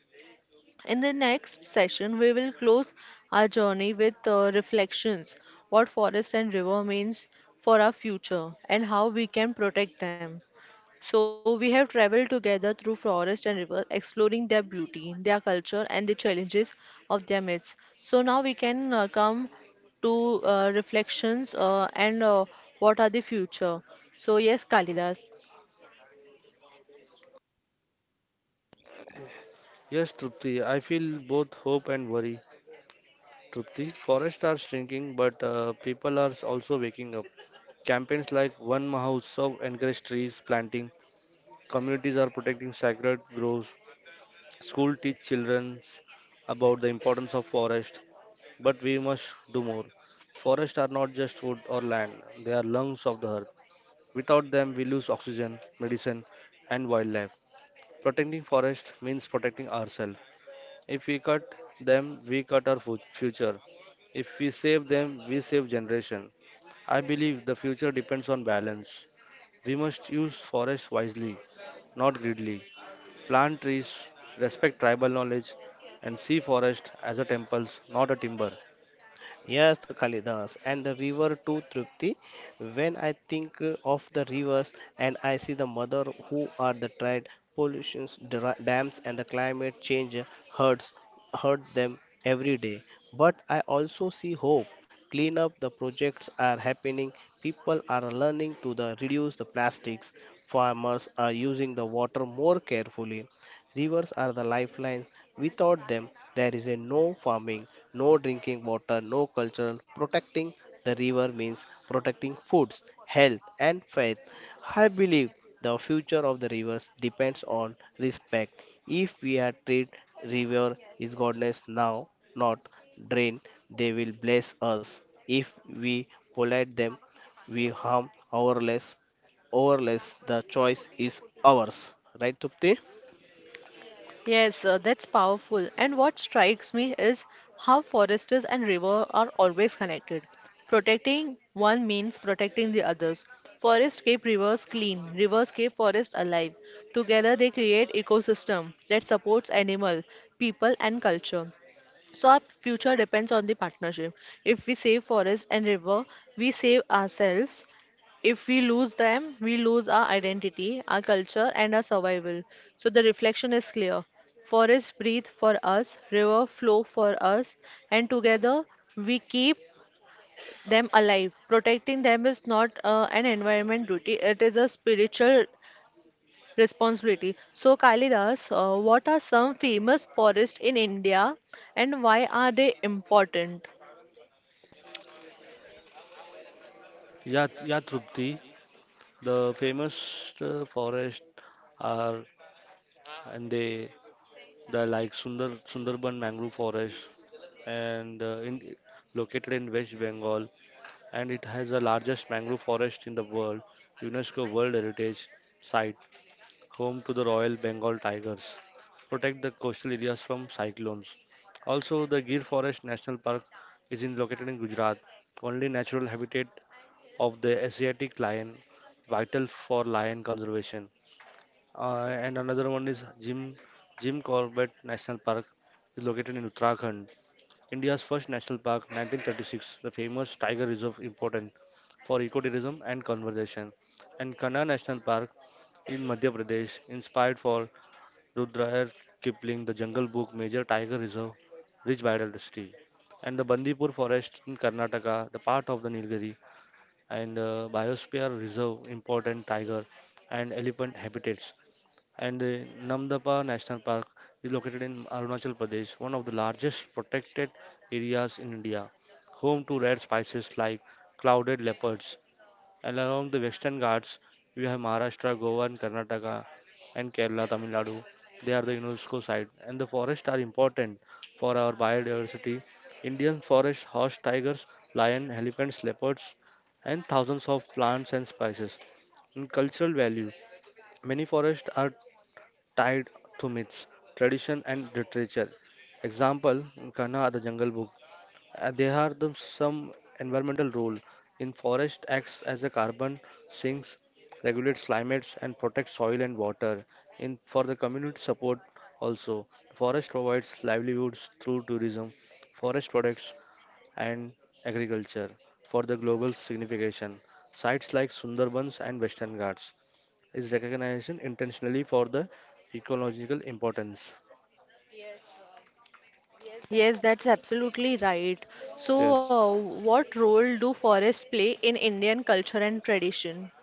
Speaker 1: In the next session, we will close our journey with reflections, what forest and river means for our future, and how we can protect them. So we have traveled together through forest and river, exploring their beauty, their culture, and the challenges of their myths. So now we can come to reflections and what are the future. So yes, Kalidas.
Speaker 2: Yes, Trupti, I feel both hope and worry. Trupti, forests are shrinking, but people are also waking up. Campaigns like One Mahotsav encourage trees planting, communities are protecting sacred groves, school teach children about the importance of forest, but we must do more. Forests are not just wood or land, they are lungs of the earth. Without them, we lose oxygen, medicine, and wildlife. Protecting forest means protecting ourselves. If we cut them, we cut our future. If we save them, we save generation. I believe the future depends on balance. We must use forests wisely, not greedily. Plant trees, respect tribal knowledge, and see forest as a temples, not a timber.
Speaker 3: Yes, the Kalidas and the river to Tripti. When I think of the rivers and I see the mother who are the tide pollutions, dams and the climate change hurts hurt them every day. But I also see hope. Clean up the projects are happening. People are learning to the reduce the plastics. Farmers are using the water more carefully. Rivers are the lifelines. Without them, there is a no farming, no drinking water, no cultural. Protecting the river means protecting foods, health, and faith. I believe the future of the rivers depends on respect. If we are treat river is goddess now, not drain, they will bless us. If we pollute them, we harm our less overless the choice is ours, right, tupti?
Speaker 1: Yes, that's powerful. And what strikes me is how forests and river are always connected. Protecting one means protecting the others. Forests keep rivers clean, rivers keep forests alive. Together they create ecosystem that supports animal, people and culture. So our future depends on the partnership. If we save forest and river, we save ourselves. If we lose them, we lose our identity, our culture, and our survival. So the reflection is clear. Forests breathe for us, river flow for us, and together we keep them alive. Protecting them is not an environment duty; it is a spiritual responsibility. So, Kalidas, what are some famous forests in India and why are they important?
Speaker 2: Yeah, yeah, Trupti, the famous forest are and they the like Sundarban mangrove forest and in, located in West Bengal, and it has the largest mangrove forest in the world, UNESCO World Heritage Site, home to the Royal Bengal Tigers. Protect the coastal areas from cyclones. Also, the Gir Forest National Park is in, located in Gujarat, only natural habitat of the Asiatic lion, vital for lion conservation. And another one is Jim Corbett National Park is located in Uttarakhand India's first national park, 1936, the famous Tiger Reserve, important for ecotourism and conservation. And Kanha National Park in Madhya Pradesh, inspired for Rudyard Kipling, The Jungle Book, major tiger reserve, rich biodiversity. And the Bandipur Forest in Karnataka, the part of the Nilgiri, and Biosphere Reserve, important tiger and elephant habitats and Namdapa National Park is located in Arunachal Pradesh, one of the largest protected areas in India, home to rare species like clouded leopards. And along the Western Ghats, we have Maharashtra, Goa, and Karnataka, and Kerala, Tamil Nadu. They are the UNESCO site, and the forests are important for our biodiversity. Indian forests host tigers, lion, elephants, leopards, and thousands of plants and spices. In cultural value, many forests are tied to myths, tradition, and literature. Example, Kana, the Jungle Book. They are the some environmental role in forest acts as a carbon sinks, regulates climates, and protects soil and water. In for the community support also, forest provides livelihoods through tourism, forest products, and agriculture. For the global signification, sites like Sundarbans and Western Ghats is recognition intentionally for the ecological importance.
Speaker 1: Yes, that's absolutely right. So,
Speaker 2: Yes,
Speaker 1: what role do forests play in Indian culture and tradition?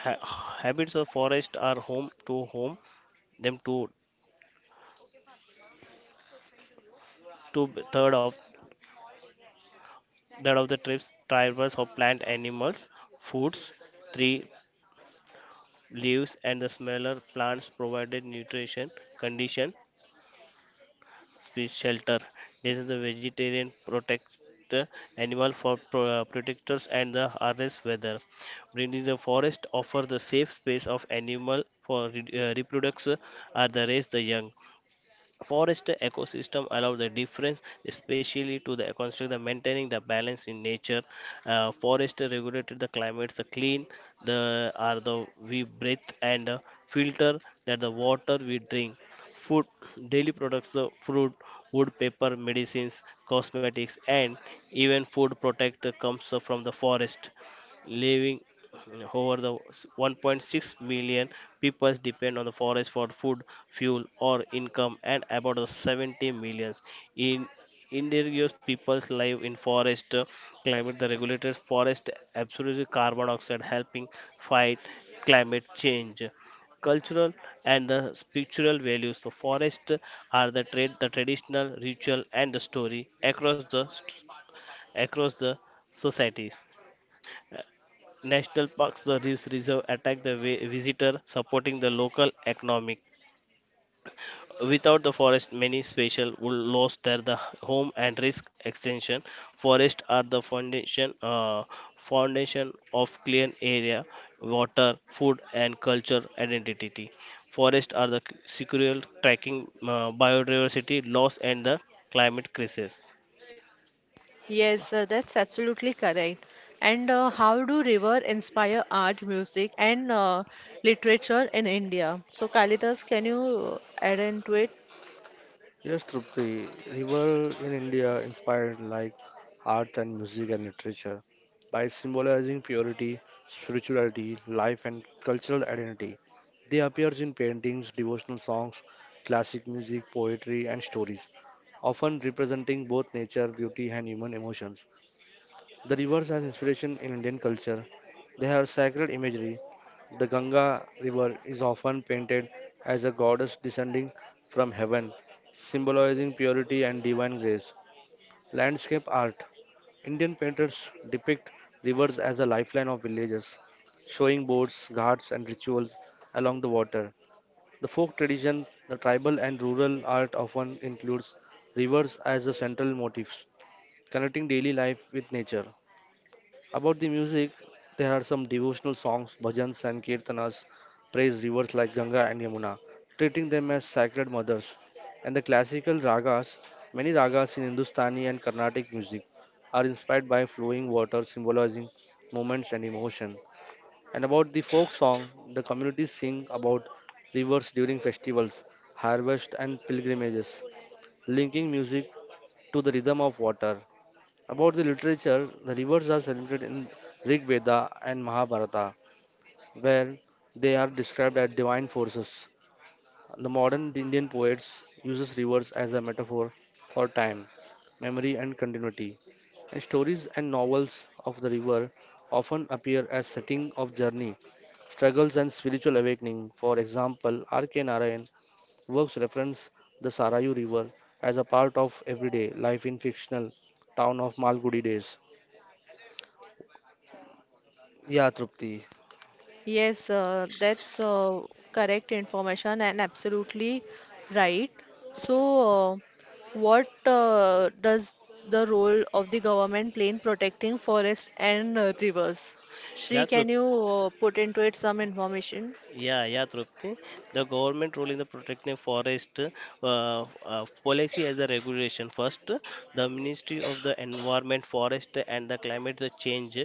Speaker 3: Ha- Habits of forest are home to home them to two of third of the trips drivers of plant animals foods tree leaves and the smaller plants provided nutrition condition speech shelter. This is the vegetarian protect the animal for protectors and the harvest weather bringing the forest offer the safe space of animal for reproduction are the raise the young. Forest ecosystem allow the difference, especially to the construct the maintaining the balance in nature. Forest regulated the climate, the clean the are the we breathe and filter that the water we drink. Food, daily products, the fruit, wood, paper, medicines, cosmetics, and even food protect comes from the forest living. However, the 1.6 million people depend on the forest for food, fuel, or income, and about the 70 millions in indigenous peoples live in forest climate. The regulators forest absorbs carbon dioxide, helping fight climate change cultural and the spiritual values. The forest are the trade, the traditional ritual and the story across the societies. National parks, the reef reserve attract the visitor, supporting the local economic. Without the forest, many species would lose their the home and risk extinction. Forests are the foundation of clean area, water, food, and culture identity. Forests are the secure tracking biodiversity loss and the climate crisis.
Speaker 1: Yes, that's absolutely correct. And how do river inspire art, music, and literature in India? So, Kalidas, can you add into it?
Speaker 2: yes, Trupti. River in India inspired like art and music and literature by symbolizing purity, spirituality, life, and cultural identity. They appear in paintings, devotional songs, classic music, poetry, and stories, often representing both nature, beauty, and human emotions. The rivers as inspiration in Indian culture. They have sacred imagery. The Ganga River is often painted as a goddess descending from heaven, symbolizing purity and divine grace. Landscape art. Indian painters depict rivers as a lifeline of villages, showing boats, ghats, and rituals along the water. The folk tradition, the tribal and rural art often includes rivers as the central motifs, connecting daily life with nature. About the music, there are some devotional songs, bhajans, and kirtanas praise rivers like Ganga and Yamuna, treating them as sacred mothers. And the classical ragas, many ragas in Hindustani and Carnatic music, are inspired by flowing water symbolizing moments and emotion. And about the folk song, the communities sing about rivers during festivals, harvest, and pilgrimages, linking music to the rhythm of water. About the literature, the rivers are celebrated in Rig Veda and Mahabharata, where they are described as divine forces. The modern Indian poets uses rivers as a metaphor for time, memory and continuity. And stories and novels of the river often appear as setting of journey, struggles and spiritual awakening. For example, R.K. Narayan works reference the Sarayu River as a part of everyday life in fictional town of Malgudi days. Yeah, Trupti.
Speaker 1: Yes, that's correct information and absolutely right. So, uh, what does the role of the government play in protecting forests and rivers?
Speaker 3: Yeah,
Speaker 1: Shri, can
Speaker 3: Trupti.
Speaker 1: you put into it some information?
Speaker 3: Yeah, yeah, Trupti. The government role in the protecting forest policy as a regulation. First, the Ministry of the Environment, Forest and the Climate Change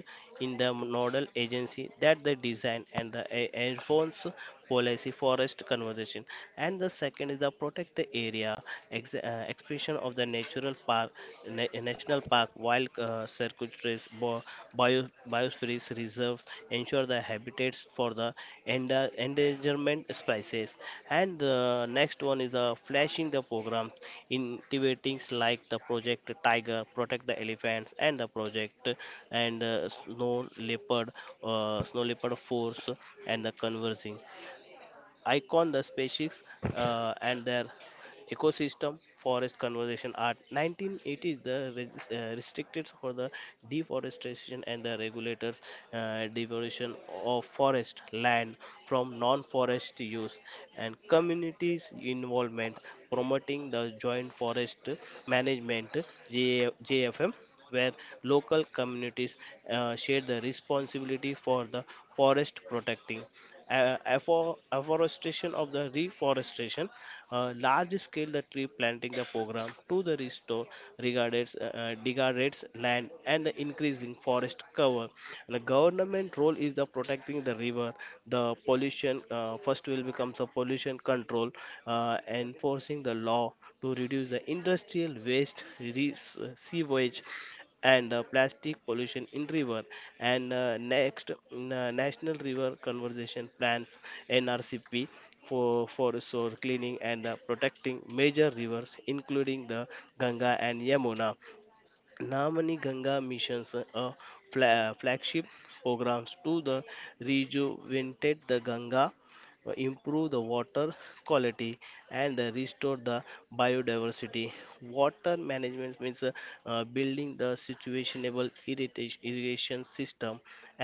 Speaker 3: in the nodal agency that the design and the enforce policy, forest conservation, and the second is the protect the area, expansion of the natural park, national park, wild circuitous biospheres reserves, ensure the habitats for the endangerment species, and the next one is the flashing the programs, innovating like the project tiger, protect the elephants, and the project and snow leopard force, and the conversing icon the species and their ecosystem forest conservation act 1980 the restricted for the deforestation and the regulators devolution of forest land from non-forest use and communities involvement promoting the joint forest management jfm where local communities share the responsibility for the forest protecting afforestation of the reforestation, large scale the tree planting the program to the restore regards, degrades land and the increasing forest cover. The government role is the protecting the river, the pollution first will becomes the pollution control, enforcing the law to reduce the industrial waste, sewage and plastic pollution in river and national river conservation plans NRCP for source cleaning and protecting major rivers including the Ganga and Yamuna. Namani Ganga missions, flagship programs to the rejuvenate the Ganga, improve the water quality, and the restore the biodiversity. Water management means building the situationable irrigation system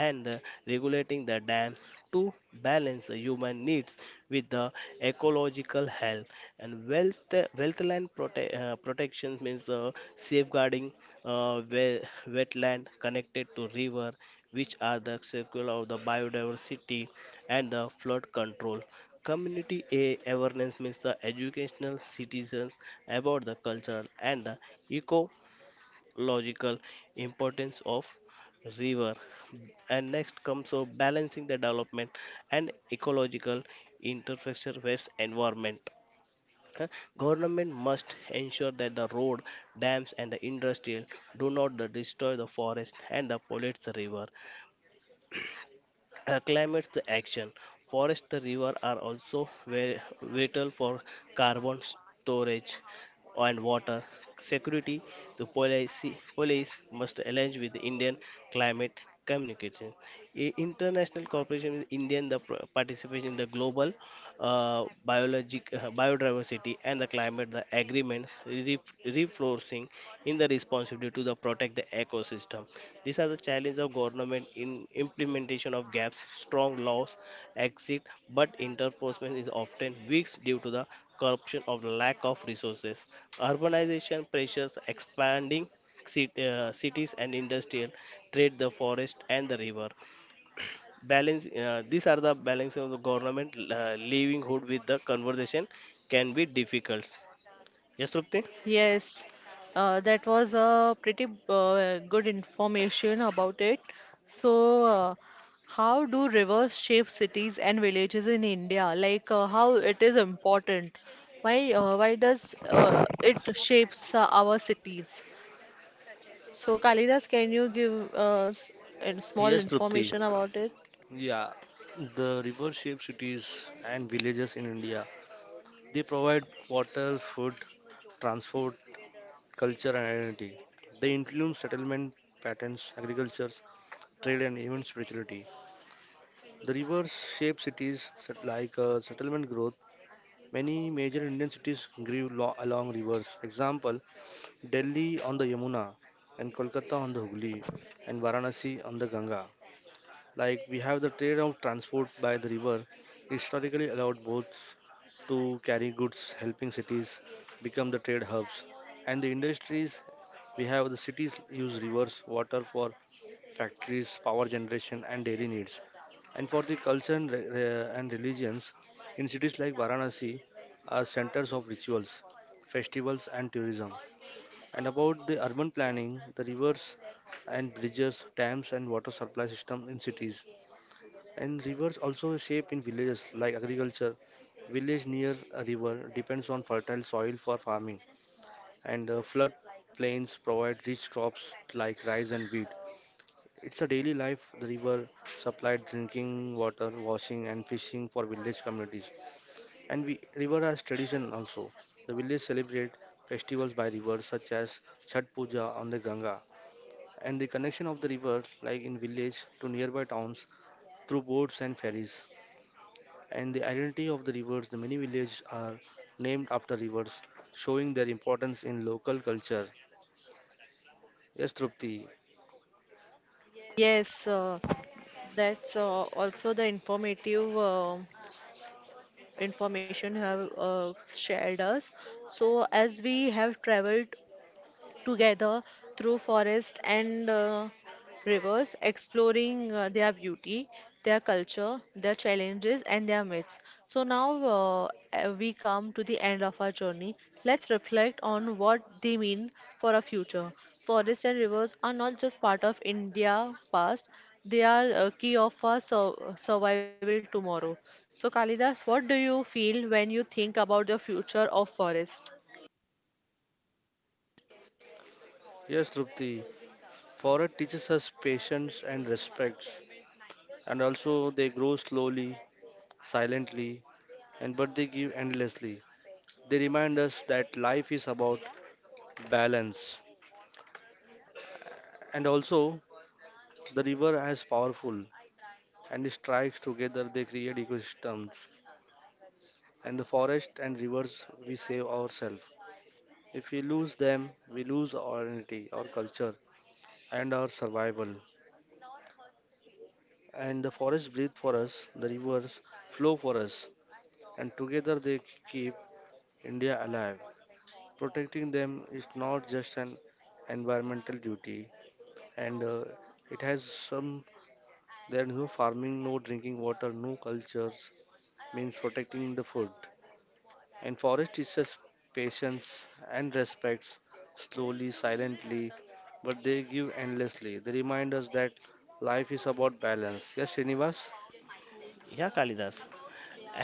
Speaker 3: and regulating the dams to balance the human needs with the ecological health and wealthland protection means safeguarding uh, we- wetland connected to river which are the circle of the biodiversity and the flood control community a awareness means the educational citizens about the culture and the eco logical importance of river and next comes of balancing the development and ecological infrastructure with environment. Uh, Government must ensure that the road dams and the industrial do not the destroy the forest and the pollute the river acclimates the action. Forests, the river are also vital for carbon storage and water security. The policy, police must align with the Indian climate communication. International cooperation with Indian the participation in the global biodiversity and the climate, the agreements reinforcing in the responsibility to the protect the ecosystem. These are the challenge of government in implementation of gaps, strong laws exist, but enforcement is often weak due to the corruption of lack of resources. Urbanization pressures expanding cities and industrial trade the forest and the river balance these are the balance of the government livelihood with the conversation can be difficult. Yes, Trupti.
Speaker 1: Yes, that was a pretty good information about it. So, how do rivers shape cities and villages in India? Like how it is important? Why does it shapes our cities? So, Kalidas, can you give us a small
Speaker 2: Yes, Trupti.
Speaker 1: information about it?
Speaker 2: Yeah, the river shaped cities and villages in India. They provide water, food, transport, culture, and identity. They influence settlement patterns, agriculture, trade, and even spirituality. The rivers shape cities settlement growth. Many major Indian cities grew along rivers. Example, Delhi on the Yamuna, and Kolkata on the Hooghly, and Varanasi on the Ganga. Like we have the trade of transport by the river, historically allowed boats to carry goods, helping cities become the trade hubs. And the industries, we have the cities use rivers, water for factories, power generation, and daily needs. And for the culture and, and religions, in cities like Varanasi are centers of rituals, festivals, and tourism. And about the urban planning, the rivers and bridges, dams, and water supply system in cities and rivers also shape in villages like agriculture. Village near a river depends on fertile soil for farming, and flood plains provide rich crops like rice and wheat. It's a daily life. The river supplied drinking water, washing, and fishing for village communities. And we river has tradition also. The village celebrate festivals by rivers such as Chhat Puja on the Ganga, and the connection of the river, like in village to nearby towns, through boats and ferries. And the identity of the rivers. The many villages are named after rivers, showing their importance in local culture. Yes, Trupti.
Speaker 1: Yes, that's also the informative. Information have shared us so as we have traveled together through forest and rivers, exploring their beauty, their culture, their challenges, and their myths. So now uh, we come to the end of our journey. Let's reflect on what they mean for our future. Forests and rivers are not just part of India past; they are a key of our survival tomorrow. So, Kalidas, what do you feel when you think about the future of forest?
Speaker 2: Yes, Trupti. Forest teaches us patience and respects, and also they grow slowly, silently, and but they give endlessly. They remind us that life is about balance. And also, the river is powerful and it strikes together, they create ecosystems. And the forest and rivers, we save ourselves. If we lose them, we lose our identity, our culture, and our survival. And the forests breathe for us, the rivers flow for us, and together they keep India alive. Protecting them is not just an environmental duty, and it has some. There is no farming, no drinking water, no cultures. Means protecting the food. And forest teaches patience and respects slowly, silently, but they give endlessly. They remind us that life is about balance. Yes, Srinivas?
Speaker 3: Yeah, Kalidas,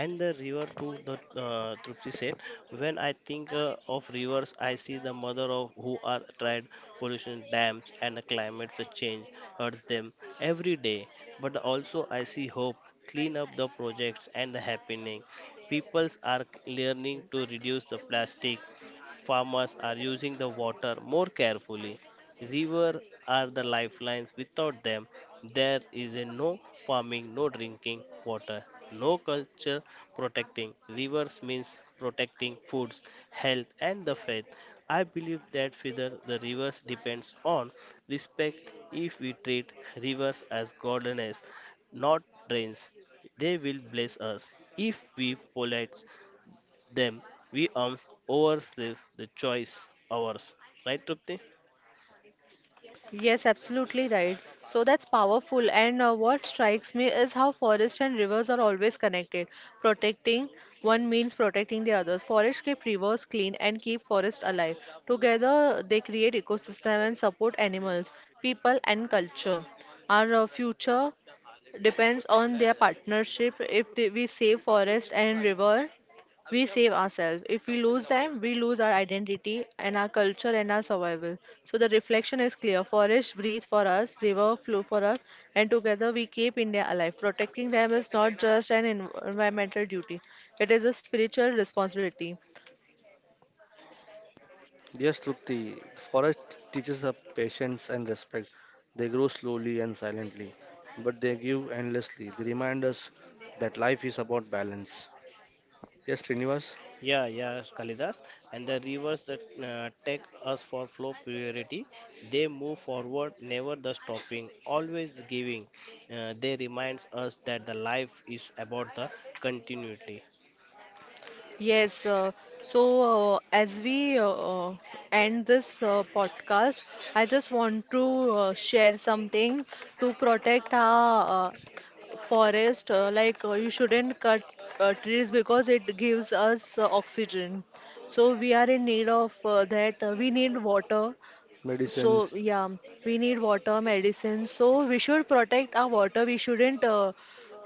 Speaker 3: and the river to the Trupti said, when I think of rivers, I see the mother of who are tried pollution dams and the climate the change hurts them every day, but also I see hope. Clean up the projects and the happening peoples are learning to reduce the plastic. Farmers are using the water more carefully. Rivers are the lifelines. Without them, there is a no farming, no drinking water, no culture protecting. Rivers means protecting foods, health, and the faith. I believe that whether the rivers depends on respect if we treat rivers as goddesses, not drains. They will bless us if we polite them, we arms oversleep the choice ours. Right, Trupti?
Speaker 1: Yes, absolutely right. So that's powerful. And what strikes me is how forests and rivers are always connected. Protecting one means protecting the others. Forests keep rivers clean and keep forests alive. Together, they create ecosystem and support animals, people, and culture. Our future depends on their partnership. If they, we save forest and river, we save ourselves. If we lose them, we lose our identity and our culture and our survival. So the reflection is clear. Forest breathe for us, river flow for us, and together we keep India alive. Protecting them is not just an environmental duty; it is a spiritual responsibility.
Speaker 2: Yes, Trupti. Forest teaches us patience and respect. They grow slowly and silently, but they give endlessly. They remind us that life is about balance. Yes, Srinivas?
Speaker 3: Yeah, yeah, Kalidas. And the rivers that take us for flow purity, they move forward, never the stopping, always the giving. They reminds us that the life is about the continuity.
Speaker 1: Yes, so as we end this podcast, I just want to share something to protect our forest. You shouldn't cut trees because it gives us oxygen. So, we are in need of that. We need water so,
Speaker 2: Medicines.
Speaker 1: yeah, we need water, medicine. So, we should protect our water. We shouldn't uh,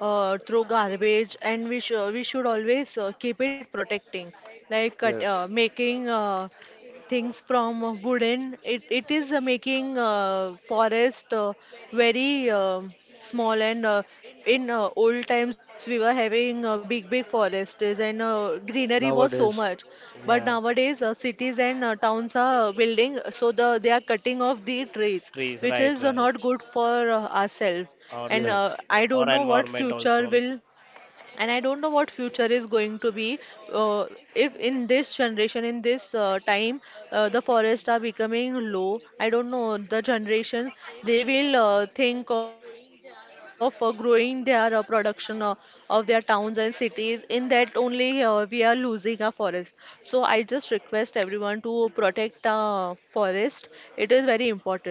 Speaker 1: uh, throw garbage, and we should always keep it protecting, like cut,
Speaker 2: Yes.
Speaker 1: making things from wooden. It is making forest very small and in old times we were having big big forests and greenery was so much.
Speaker 2: Nowadays,
Speaker 1: But
Speaker 3: Yeah.
Speaker 1: nowadays cities and towns are building, so they are cutting off the trees,
Speaker 3: Trees,
Speaker 1: which
Speaker 3: right,
Speaker 1: is
Speaker 3: right.
Speaker 1: not good for ourselves. And
Speaker 3: Ourselves,
Speaker 2: yes.
Speaker 1: I don't
Speaker 3: our
Speaker 1: know what
Speaker 3: environment
Speaker 1: future
Speaker 3: also.
Speaker 1: will and I don't know what future is going to be uh, if in this generation in this time the forests are becoming low, I don't know the generation they will think of growing their production of their towns and cities. In that only we are losing our forest, so I just request everyone to protect forest. It is very important.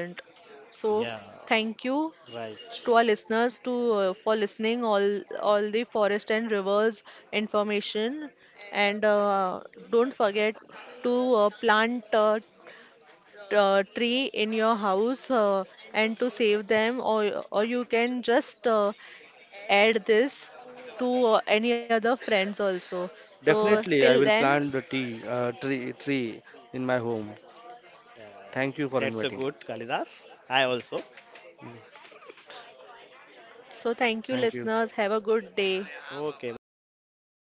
Speaker 1: So
Speaker 3: Yeah,
Speaker 1: thank you
Speaker 3: right.
Speaker 1: to our listeners to for listening all the forest and rivers information, and don't forget to plant a tree in your house, and to save them, or you can just add this to any other friends also. So
Speaker 3: Yeah,
Speaker 1: till
Speaker 2: Definitely, I
Speaker 1: then,
Speaker 2: will plant the tea tree in my home.
Speaker 3: yeah.
Speaker 2: Thank you for
Speaker 3: That's a
Speaker 2: inviting.
Speaker 3: good, Kalidas. I also.
Speaker 2: Mm.
Speaker 1: so thank you
Speaker 2: Thank you.
Speaker 1: listeners, have a good day.
Speaker 3: Okay, bye.
Speaker 1: Hey,